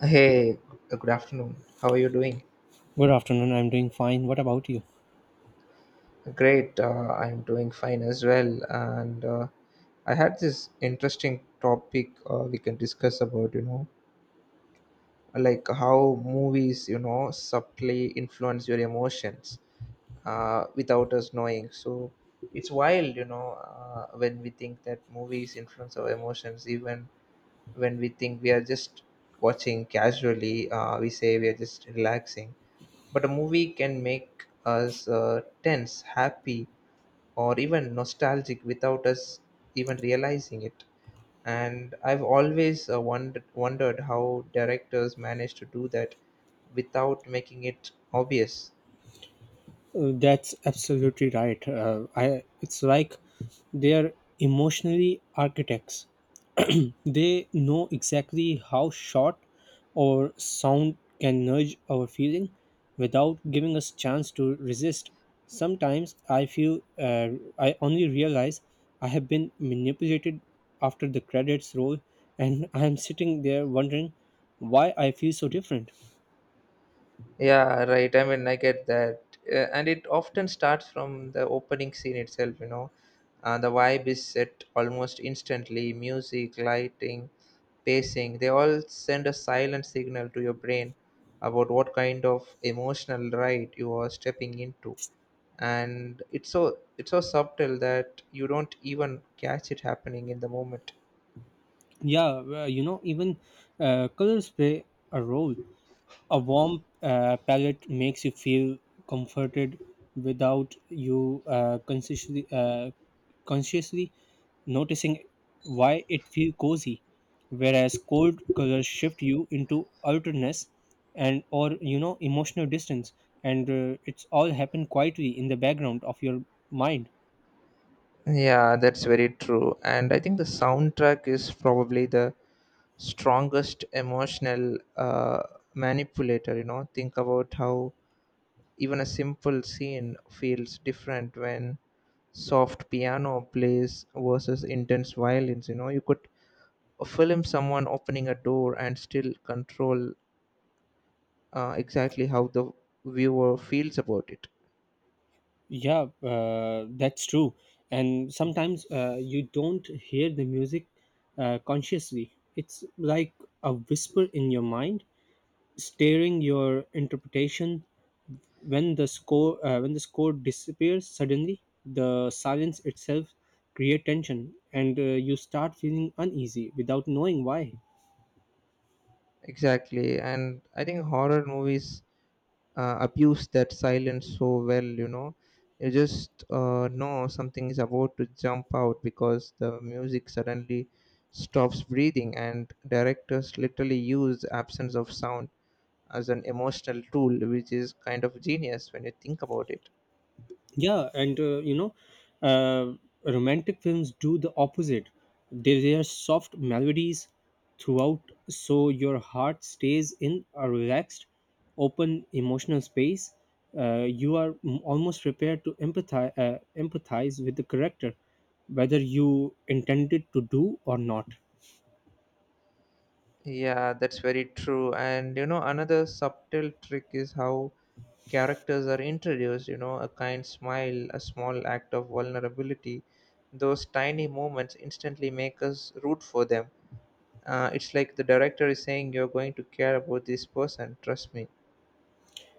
Hey, good afternoon. How are you doing? Good afternoon. I'm doing fine. What about you? Great. I'm doing fine as well. And I had this interesting topic we can discuss about, you know, like how movies, you know, subtly influence your emotions without us knowing. So it's wild, you know, when we think that movies influence our emotions, even when we think we are just watching casually, we say we are just relaxing. But a movie can make us tense, happy, or even nostalgic without us even realizing it. And I've always wondered how directors manage to do that without making it obvious. That's absolutely right. I It's like they're emotionally architects. They know exactly how shot or sound can nudge our feeling without giving us chance to resist. Sometimes I feel I only realize I have been manipulated after the credits roll, and I am sitting there wondering why I feel so different. Yeah, right. I mean, I get that. And it often starts from the opening scene itself, you know. The vibe is set almost instantly. Music, lighting, pacing, they all send a silent signal to your brain about what kind of emotional ride you are stepping into. And it's so subtle that you don't even catch it happening in the moment. Yeah, well, you know, even colors play a role. A warm palette makes you feel comforted without you consciously noticing why it feel cozy. Whereas cold colors shift you into alertness and or, you know, emotional distance, and it's all happen quietly in the background of your mind. Yeah, that's very true. And I think the soundtrack is probably the strongest emotional manipulator. You know, think about how even a simple scene feels different when soft piano plays versus intense violins. You know, you could film someone opening a door and still control exactly how the viewer feels about it. Yeah, that's true. And sometimes you don't hear the music consciously. It's like a whisper in your mind, steering your interpretation. When the score disappears suddenly, the silence itself create tension, and you start feeling uneasy without knowing why. Exactly, and I think horror movies abuse that silence so well, you know, you just know something is about to jump out because the music suddenly stops breathing, and directors literally use the absence of sound as an emotional tool, which is kind of genius when you think about it. Yeah, and you know, uh, romantic films do the opposite. They are soft melodies throughout, so your heart stays in a relaxed, open emotional space. You are almost prepared to empathize with the character, whether you intended to do or not. Yeah, that's very true. And you know, another subtle trick is how characters are introduced, you know, a kind smile, a small act of vulnerability. Those tiny moments instantly make us root for them. It's like the director is saying, "You're going to care about this person, trust me."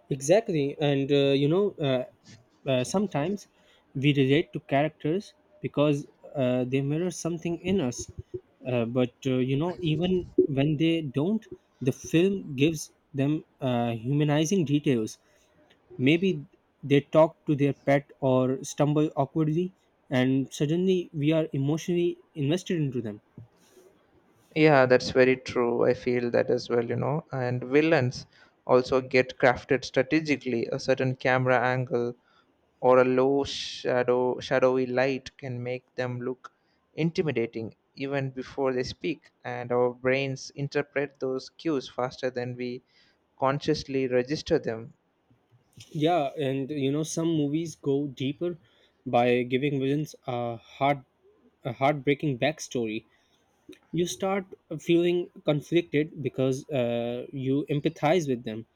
Exactly, and sometimes we relate to characters because they mirror something in us. But you know, even when they don't, the film gives them humanizing details. Maybe they talk to their pet or stumble awkwardly, and suddenly we are emotionally invested into them. Yeah, that's very true. I feel that as well, you know. And villains also get crafted strategically, a certain camera angle, or a low shadowy light can make them look intimidating even before they speak, and our brains interpret those cues faster than we consciously register them. Yeah, and you know, some movies go deeper by giving villains a heart a heartbreaking backstory. You start feeling conflicted because you empathize with them,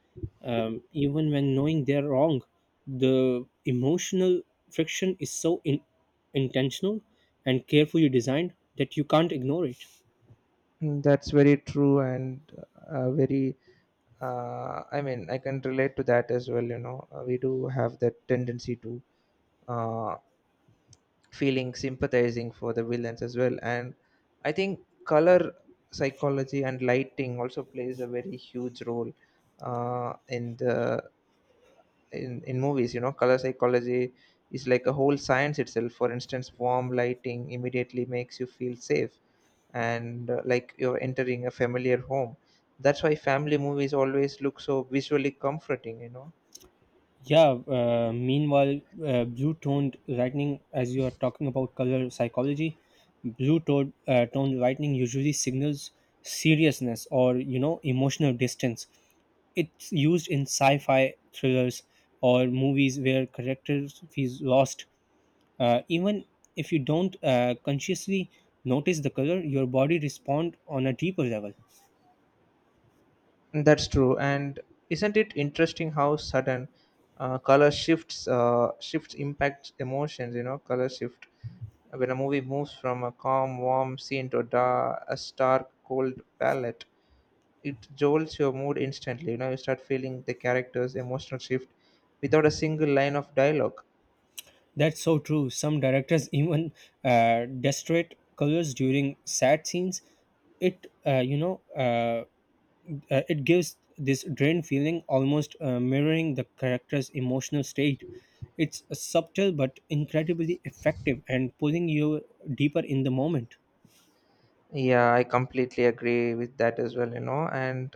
even when knowing they're wrong. The emotional friction is so intentional and carefully designed that you can't ignore it. Mm, that's very true, and very I mean, I can relate to that as well, you know. We do have that tendency to uh, feeling sympathizing for the villains as well, and I think color psychology and lighting also plays a very huge role in the in movies. You know, color psychology is like a whole science itself. For instance, warm lighting immediately makes you feel safe, and like you're entering a familiar home. That's why family movies always look so visually comforting, you know. Yeah, meanwhile, blue toned lightning, as you are talking about color psychology, blue toned lightning usually signals seriousness or, you know, emotional distance. It's used in sci fi thrillers or movies where characters feels lost. Even if you don't consciously notice the color, your body respond on a deeper level. That's true, and isn't it interesting how sudden color shifts shifts impact emotions? You know, color shift, when a movie moves from a calm, warm scene to a, a stark, cold palette, it jolts your mood instantly. You know, you start feeling the character's emotional shift without a single line of dialogue. That's so true. Some directors even destroyed colors during sad scenes. It it gives this drained feeling, almost mirroring the character's emotional state. It's subtle but incredibly effective and pulling you deeper in the moment. Yeah, I completely agree with that as well. You know, and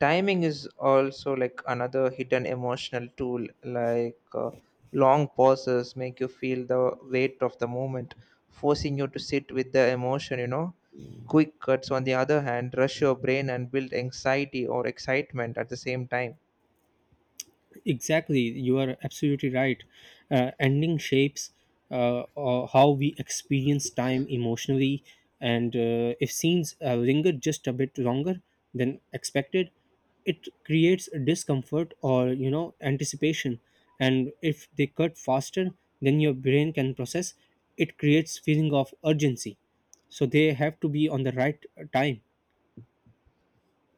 timing is also like another hidden emotional tool. Like long pauses make you feel the weight of the moment, forcing you to sit with the emotion, you know. Quick cuts, on the other hand, rush your brain and build anxiety or excitement at the same time. Exactly, you are absolutely right. Ending shapes how we experience time emotionally, and if scenes linger just a bit longer than expected, it creates discomfort or, you know, anticipation. And if they cut faster than your brain can process, it creates feeling of urgency. So they have to be on the right time.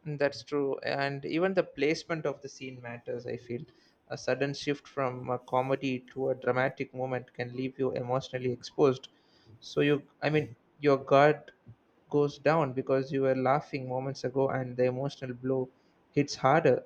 Mm, that's true, and even the placement of the scene matters. I feel a sudden shift from a comedy to a dramatic moment can leave you emotionally exposed. So you, I mean, your guard goes down because you were laughing moments ago, and the emotional blow hits harder.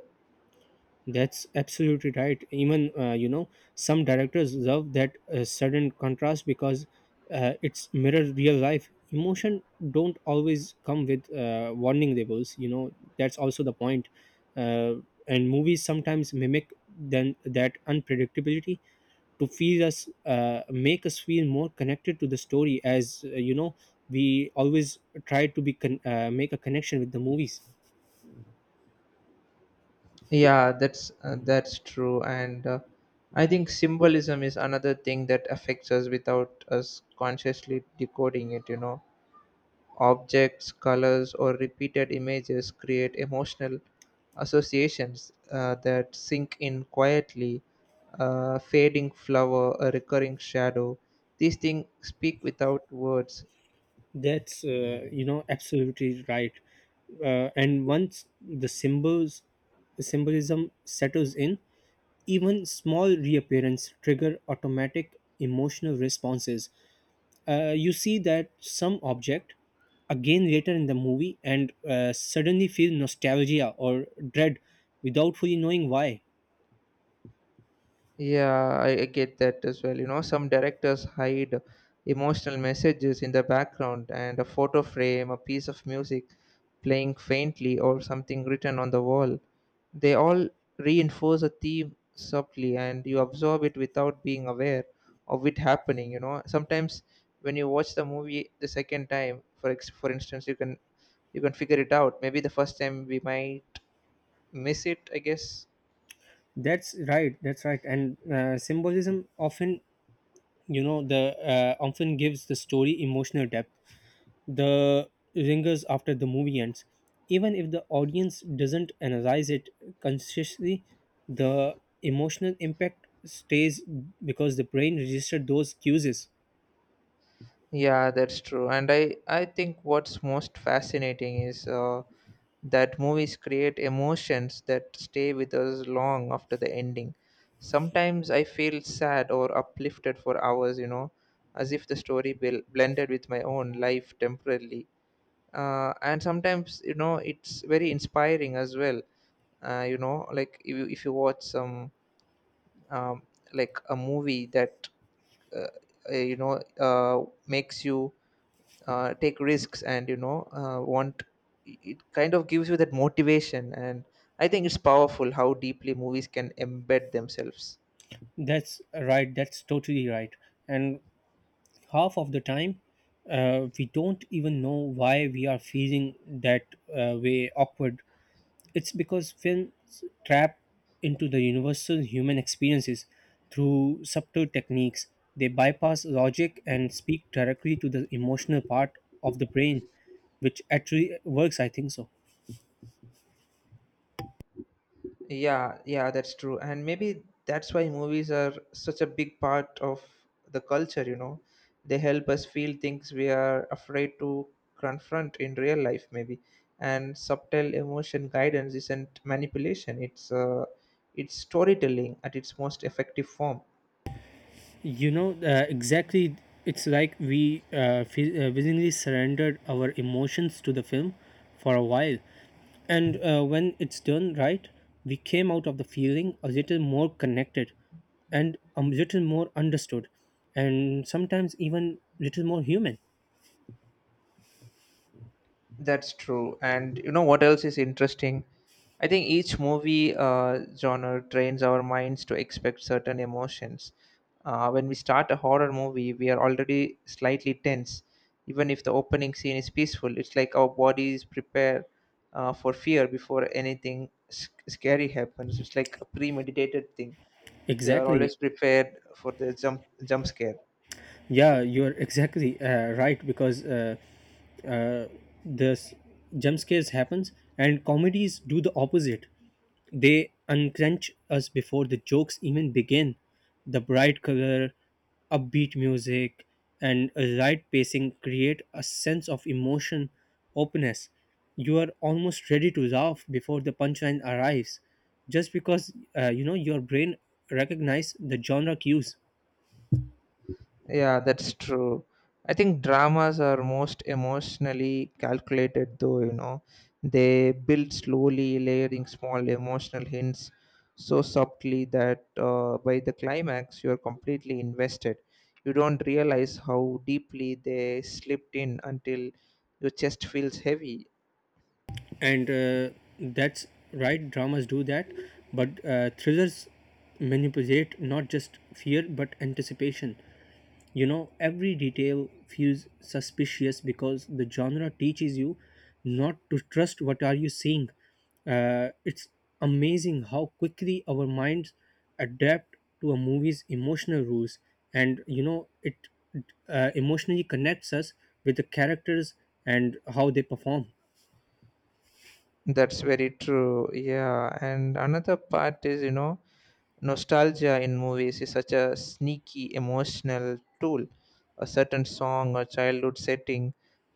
That's absolutely right. Even you know, some directors love that sudden contrast because it's mirror real life. Emotion don't always come with warning labels. You know that's also the point. Uh, and movies sometimes mimic then that unpredictability to feel us make us feel more connected to the story as you know, we always try to be make a connection with the movies. Yeah, that's true, and I think symbolism is another thing that affects us without us consciously decoding it. You know, objects, colors, or repeated images create emotional associations that sink in quietly. A fading flower, a recurring shadow. These things speak without words. That's You know, absolutely right. And once the symbols symbolism settles in, even small reappearance trigger automatic emotional responses. You see that some object again later in the movie and suddenly feel nostalgia or dread without fully knowing why. Yeah, I get that as well. You know, some directors hide emotional messages in the background, and a photo frame, a piece of music playing faintly, or something written on the wall. They all reinforce a theme subtly, and you absorb it without being aware of it happening. You know, sometimes when you watch the movie the second time, for for instance, you can figure it out. Maybe the first time we might miss it, I guess. That's right. And symbolism often, you know the often gives the story emotional depth, the ringers after the movie ends, even if the audience doesn't analyze it consciously. The emotional impact stays because the brain registered those cues. Yeah, that's true. And I think what's most fascinating is that movies create emotions that stay with us long after the ending. Sometimes I feel sad or uplifted for hours, you know, as if the story blended with my own life temporarily. And sometimes, you know, it's very inspiring as well. You know, like if you watch some, um, like a movie that, uh, you know, makes you take risks, and you know, want, it kind of gives you that motivation, and I think it's powerful how deeply movies can embed themselves. That's totally right. And half of the time, we don't even know why we are feeling that way, awkward. It's because films trap into the universal human experiences through subtle techniques. They bypass logic and speak directly to the emotional part of the brain, which actually works, I think so. Yeah, that's true, and maybe that's why movies are such a big part of the culture, you know. They help us feel things we are afraid to confront in real life, maybe. And subtle emotion guidance isn't manipulation, it's storytelling at its most effective form. You know, exactly. It's like we willingly surrendered our emotions to the film for a while. And when it's done right, we came out of the feeling a little more connected and a little more understood and sometimes even little more human. That's true. And you know what else is interesting? I think each movie genre trains our minds to expect certain emotions. When we start a horror movie, we are already slightly tense. Even if the opening scene is peaceful, it's like our bodies prepare for fear before anything scary happens. It's like a premeditated thing. They are Exactly. always prepared for the jump scare. Yeah, you're exactly right, because uh, the s- jump scares happens and comedies do the opposite. They unclench us before the jokes even begin. The bright color, upbeat music, and a light pacing create a sense of emotion openness. You are almost ready to laugh before the punchline arrives, just because you know, your brain recognizes the genre cues. Yeah, that's true. I think dramas are most emotionally calculated, though, you know. They build slowly, layering small emotional hints so subtly that by the climax, you're completely invested. You don't realize how deeply they slipped in until your chest feels heavy. And That's right, dramas do that, but thrillers manipulate not just fear but anticipation. You know, every detail feels suspicious because the genre teaches you not to trust what are you seeing. It's amazing how quickly our minds adapt to a movie's emotional rules, and you know, it emotionally connects us with the characters and how they perform. That's very true. Yeah. And another part is, you know, nostalgia in movies is such a sneaky emotional tool. A certain song or childhood setting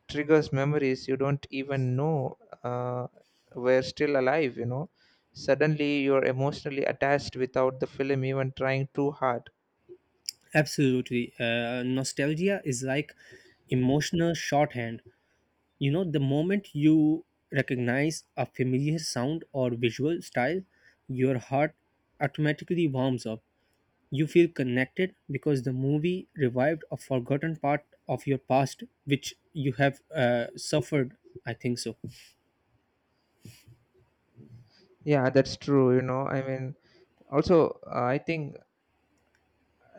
triggers memories you don't even know uh, were still alive, you know. Suddenly you're emotionally attached without the film even trying too hard. Absolutely. Nostalgia is like emotional shorthand. You know, the moment you recognize a familiar sound or visual style, your heart automatically warms up. You feel connected because the movie revived a forgotten part of your past, which you have suffered. I think so. Yeah, that's true, you know. I mean, also, I think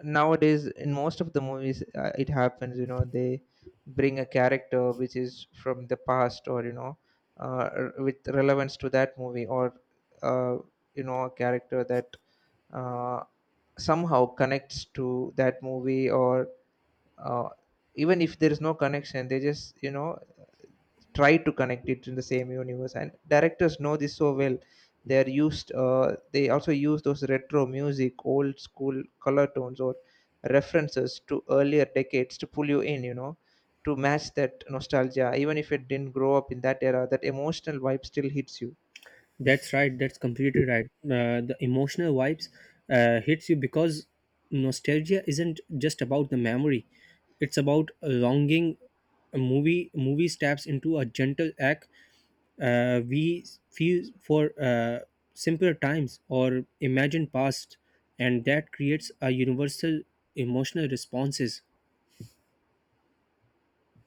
nowadays in most of the movies it happens, you know, they bring a character which is from the past, or you know, with relevance to that movie, or uh, you know, a character that uh, somehow connects to that movie, or uh, even if there is no connection, they just, you know, try to connect it in the same universe, and directors know this so well. They also use those retro music, old school color tones, or references to earlier decades to pull you in, you know, to match that nostalgia. Even if it didn't grow up in that era, that emotional vibe still hits you. That's completely right. The emotional vibes hits you because nostalgia isn't just about the memory; it's about a longing. A movie steps into a gentle act. We feel for simpler times or imagine past, and that creates a universal emotional responses.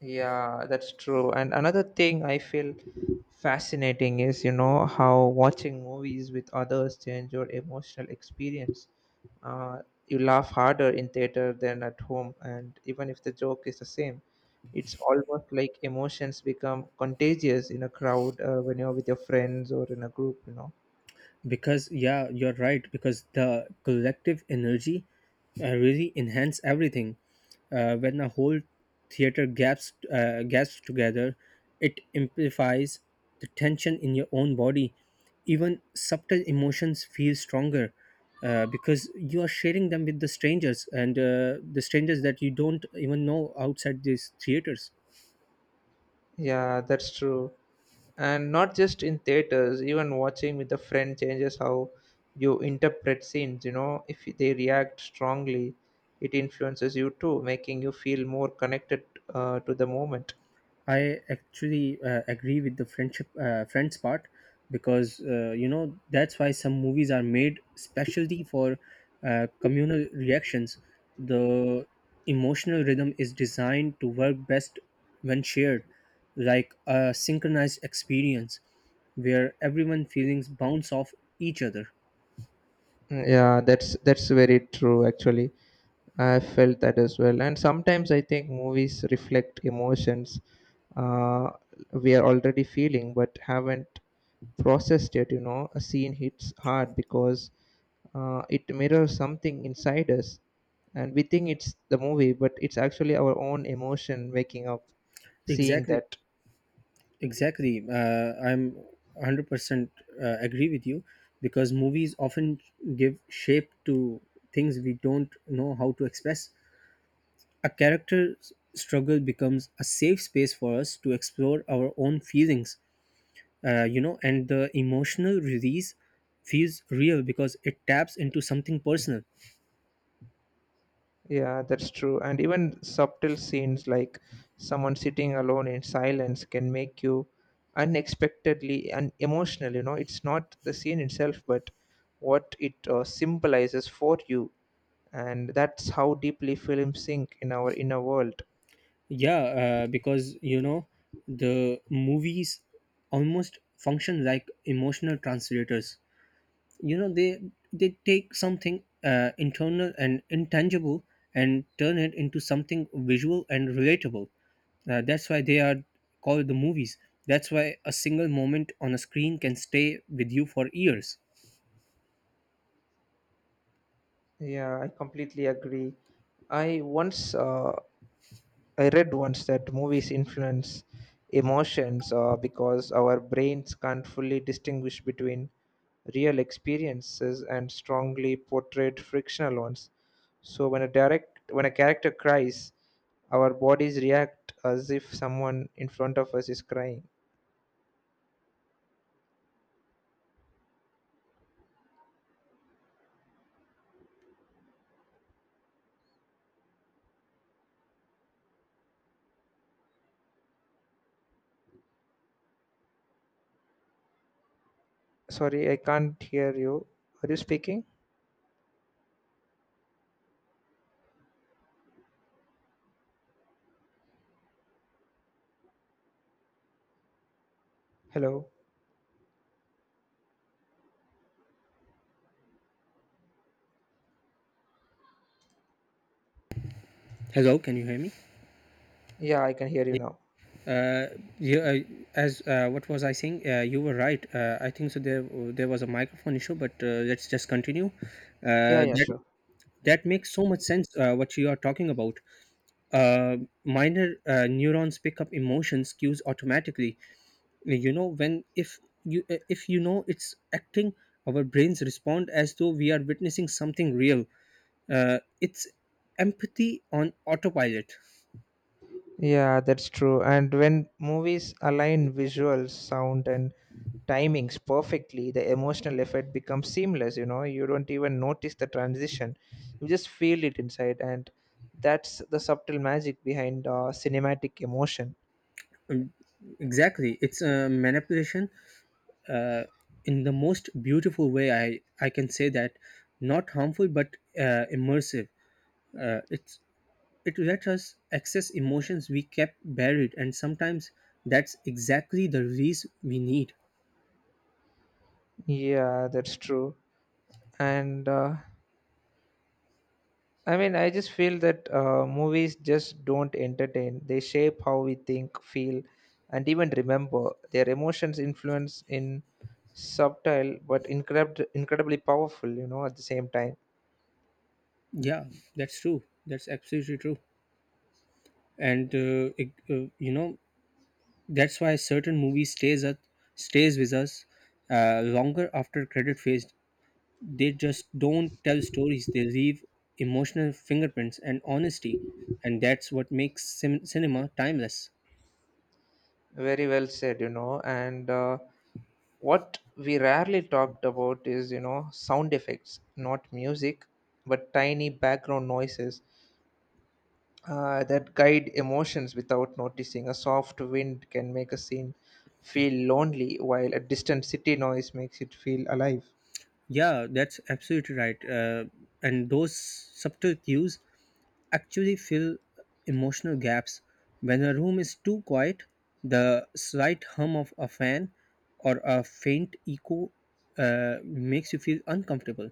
Yeah, that's true. And another thing I feel fascinating is, you know, how watching movies with others change your emotional experience. Uh, you laugh harder in theater than at home, and even if the joke is the same, it's almost like emotions become contagious in a crowd when you're with your friends or in a group, you know. Because yeah, you're right, because the collective energy really enhance everything when a whole theater gasps together, it amplifies the tension in your own body. Even subtle emotions feel stronger, because you are sharing them with the strangers, and the strangers that you don't even know outside these theaters. Yeah, that's true. And not just in theaters, even watching with a friend changes how you interpret scenes, you know. If they react strongly, it influences you too, making you feel more connected to the moment. I actually agree with the friends part because you know, that's why some movies are made specialty for communal reactions. The emotional rhythm is designed to work best when shared, like a synchronized experience where everyone feelings bounce off each other. Mm, yeah, that's very true actually. I felt that as well, and sometimes I think movies reflect emotions uh, we are already feeling but haven't processed it, you know. A scene hits hard because it mirrors something inside us, and we think it's the movie, but it's actually our own emotion waking up, seeing Exactly. that. Exactly. I'm 100% agree with you because movies often give shape to things we don't know how to express. A character's struggle becomes a safe space for us to explore our own feelings, you know, and the emotional release feels real because it taps into something personal. Yeah, that's true. And even subtle scenes like someone sitting alone in silence can make you unexpectedly and emotional. You know, it's not the scene itself, but what it symbolizes for you, and that's how deeply films sink in our inner world. Yeah, because, you know, the movies almost function like emotional translators. You know, they take something internal and intangible and turn it into something visual and relatable. That's why they are called the movies. That's why a single moment on a screen can stay with you for years. Yeah, I completely agree. I once I read once that movies influence emotions because our brains can't fully distinguish between real experiences and strongly portrayed fictional ones. So when a direct when a character cries, our bodies react as if someone in front of us is crying. Sorry, I can't hear you. Are you speaking? Hello. Hello, can you hear me? Yeah, I can hear you now. Uh, yeah, uh, as what was I saying? You were right. I think so. There was a microphone issue, but let's just continue. Yeah, Uh, yeah, that sure. that makes so much sense. What you are talking about, uh, minor neurons pick up emotions cues automatically. You know, when if you know it's acting, our brains respond as though we are witnessing something real. Uh, it's empathy on autopilot. Yeah, that's true. And when movies align visuals, sound, and timings perfectly, the emotional effect becomes seamless. You know, you don't even notice the transition, you just feel it inside. And that's the subtle magic behind cinematic emotion. Um, exactly, it's a manipulation, uh, in the most beautiful way, I can say that. Not harmful but immersive. uh, it's It lets us access emotions we kept buried, and sometimes that's exactly the release we need. Yeah, that's true. And I mean, I just feel that movies just don't entertain. They shape how we think, feel, and even remember. Their emotions influence in subtle but incredibly powerful, you know, at the same time. Yeah, that's true. That's absolutely true. And you know, that's why certain movies stays with us longer after credit phase. They just don't tell stories. They leave emotional fingerprints and honesty, and that's what makes cinema timeless. Very well said, you know. And what we rarely talked about is, you know, sound effects, not music, but tiny background noises that guide emotions without noticing. A soft wind can make a scene feel lonely, while a distant city noise makes it feel alive. Yeah, that's absolutely right. And those subtle cues actually fill emotional gaps. When a room is too quiet, the slight hum of a fan or a faint echo makes you feel uncomfortable.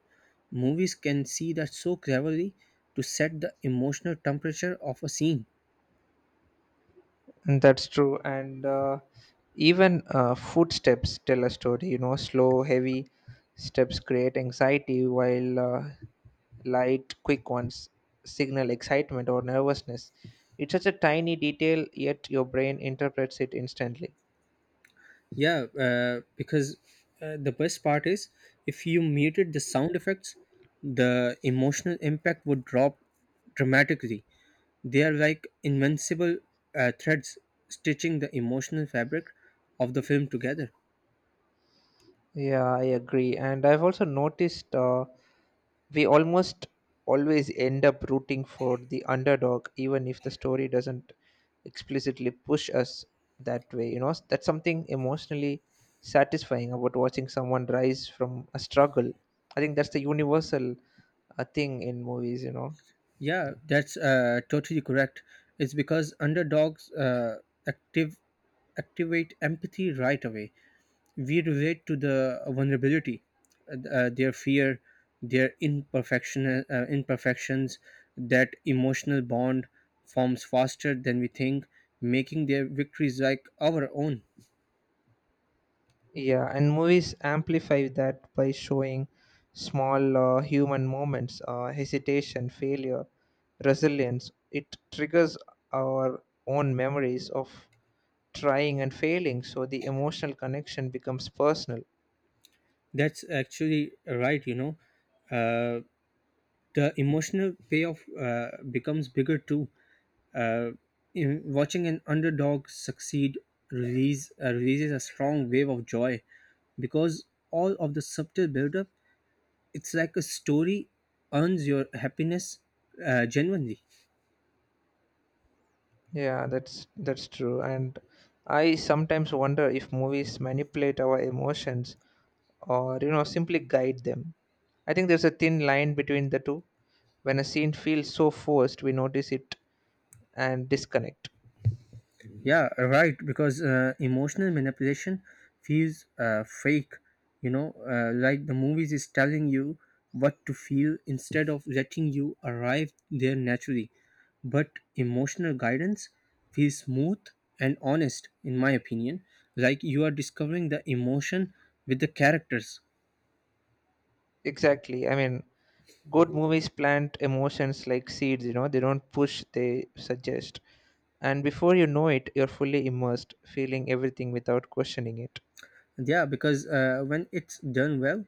Movies can see that so cleverly to set the emotional temperature of a scene. And that's true. And even footsteps tell a story. You know, slow, heavy steps create anxiety, while light, quick ones signal excitement or nervousness. It's such a tiny detail, yet your brain interprets it instantly. Yeah, because the best part is, if you muted the sound effects, the emotional impact would drop dramatically. They are like invincible threads stitching the emotional fabric of the film together. Yeah, I agree. And I've also noticed we almost always end up rooting for the underdog, even if the story doesn't explicitly push us that way. You know, that's something emotionally satisfying about watching someone rise from a struggle. I think that's the universal thing in movies, you know. Yeah, that's totally correct. It's because underdogs active activate empathy right away. We relate to the vulnerability, their fear, their imperfections. That emotional bond forms faster than we think, making their victories like our own. Yeah, and movies amplify that by showing small human moments, hesitation, failure, resilience. It triggers our own memories of trying and failing, so the emotional connection becomes personal. That's actually right, you know. Uh, the emotional payoff becomes bigger too. Uh, in watching an underdog succeed release releases a strong wave of joy because all of the subtle buildup, it's like a story earns your happiness genuinely. Yeah, that's true. And I sometimes wonder if movies manipulate our emotions or you know simply guide them. I think there's a thin line between the two. When a scene feels so forced, we notice it and disconnect. Yeah, right. Because emotional manipulation feels fake. You know, like the movies is telling you what to feel instead of letting you arrive there naturally. But emotional guidance feels smooth and honest, in my opinion. Like you are discovering the emotion with the characters. Exactly. I mean, good movies plant emotions like seeds, you know, they don't push, they suggest. And before you know it, you're fully immersed, feeling everything without questioning it. Yeah, because when it's done well,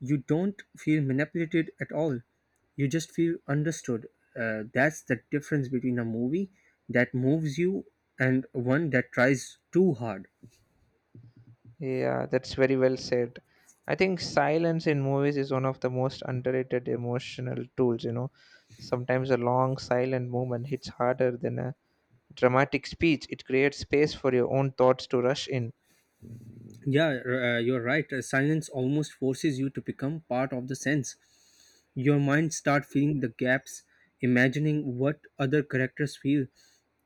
you don't feel manipulated at all. You just feel understood. That's the difference between a movie that moves you and one that tries too hard. Yeah, that's very well said. I think silence in movies is one of the most underrated emotional tools, you know. Sometimes a long silent moment hits harder than a dramatic speech. It creates space for your own thoughts to rush in, Yeah, you're right. Silence almost forces you to become part of the sense. Your mind start filling the gaps, imagining what other characters feel.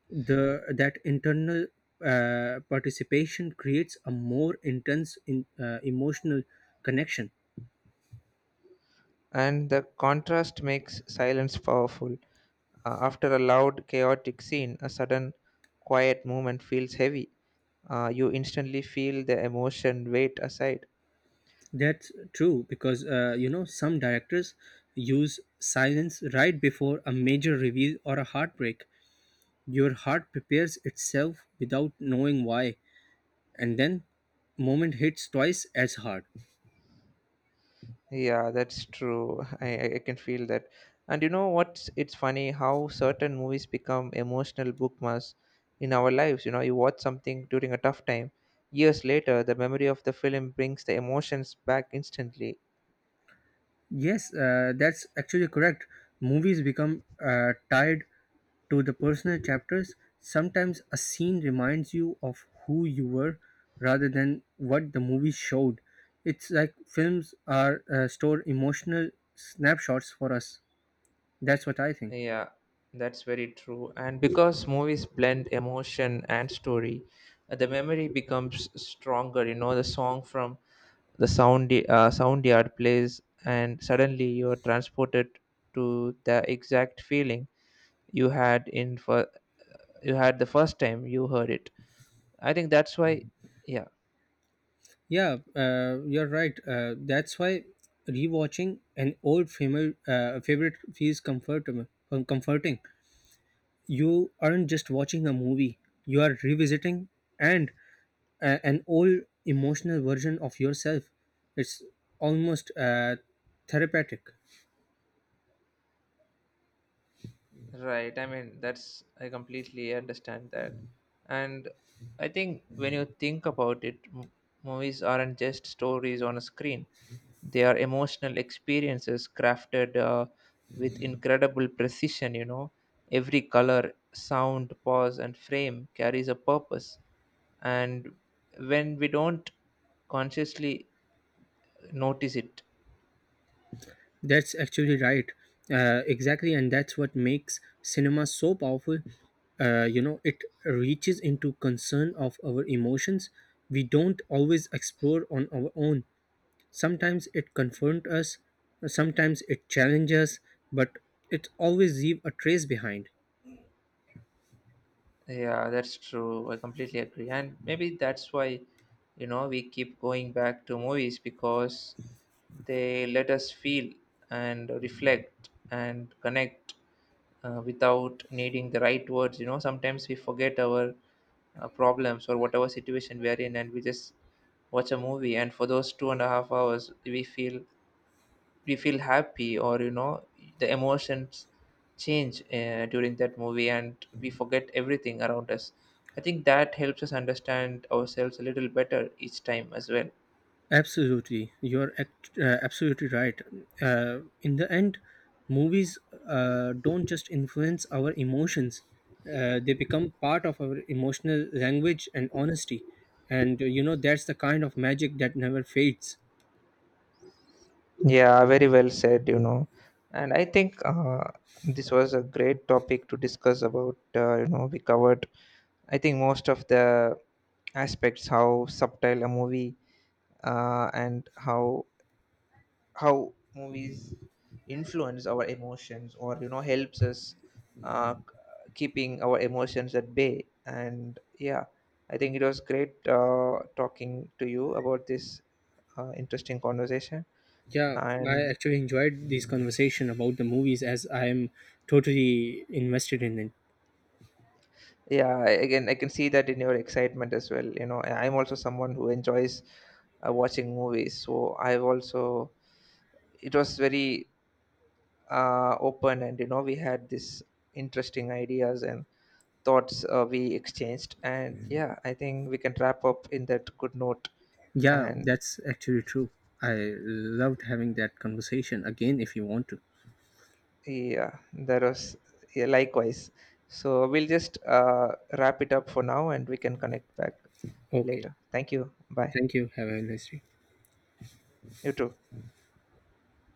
The that internal participation creates a more intense, emotional connection. and the contrast makes silence powerful. After a loud, chaotic scene, a sudden quiet moment feels heavy. You instantly feel the emotion weight aside. That's true, because you know, some directors use silence right before a major reveal or a heartbreak. Your heart prepares itself without knowing why, and then moment hits twice as hard. Yeah, that's true. I can feel that. And you know what's it's funny how certain movies become emotional bookmarks in our lives. You know, you watch something during a tough time. Years later, the memory of the film brings the emotions back instantly. Yes, that's actually correct. Movies become tied to the personal chapters. Sometimes a scene reminds you of who you were rather than what the movie showed. It's like films are store emotional snapshots for us. That's what I think. Yeah, that's very true. And because movies blend emotion and story, the memory becomes stronger. You know, the song from the sound yard plays, and suddenly you are transported to the exact feeling you had in for you had the first time you heard it. I think that's why. Yeah, Yeah, you're right. That's why rewatching an old favorite feels com- comforting you aren't just watching a movie, you are revisiting and an old emotional version of yourself. It's almost therapeutic. right. I mean, I completely understand that. And I think when you think about it, movies aren't just stories on a screen, they are emotional experiences crafted with incredible precision, you know. Every color, sound, pause, and frame carries a purpose. And when we don't consciously notice it, That's actually right. Exactly, and that's what makes cinema so powerful. You know, it reaches into concern of our emotions we don't always explore on our own. Sometimes it confronts us, sometimes it challenges us, but it always leave a trace behind. yeah, that's true. I completely agree. And maybe that's why, you know, we keep going back to movies because they let us feel and reflect and connect without needing the right words. You know, sometimes we forget our problems or whatever situation we are in and we just watch a movie. And for those 2.5 hours, we feel happy or you know the emotions change during that movie and we forget everything around us. I think that helps us understand ourselves a little better each time as well. Absolutely, you're absolutely right. In the end, movies don't just influence our emotions; they become part of our emotional language and honesty. And you know, that's the kind of magic that never fades. Yeah, very well said, you know. And I think this was a great topic to discuss about. You know, we covered, I think, most of the aspects how subtle a movie and how movies influence our emotions or you know helps us keeping our emotions at bay. And yeah, I think it was great talking to you about this interesting conversation. Yeah, I And actually enjoyed this conversation about the movies as I am totally invested in it. yeah, again I can see that in your excitement as well, you know. I'm also someone who enjoys watching movies, so I've also, it was very open and you know we had this interesting ideas and thoughts we exchanged. And yeah, I think we can wrap up in that good note. Yeah, And that's actually true. I loved having that conversation again. If you want to, yeah, there was, yeah, likewise. So we'll just wrap it up for now and we can connect back okay. later. Thank you. Bye. Thank you. Have a nice day. You too.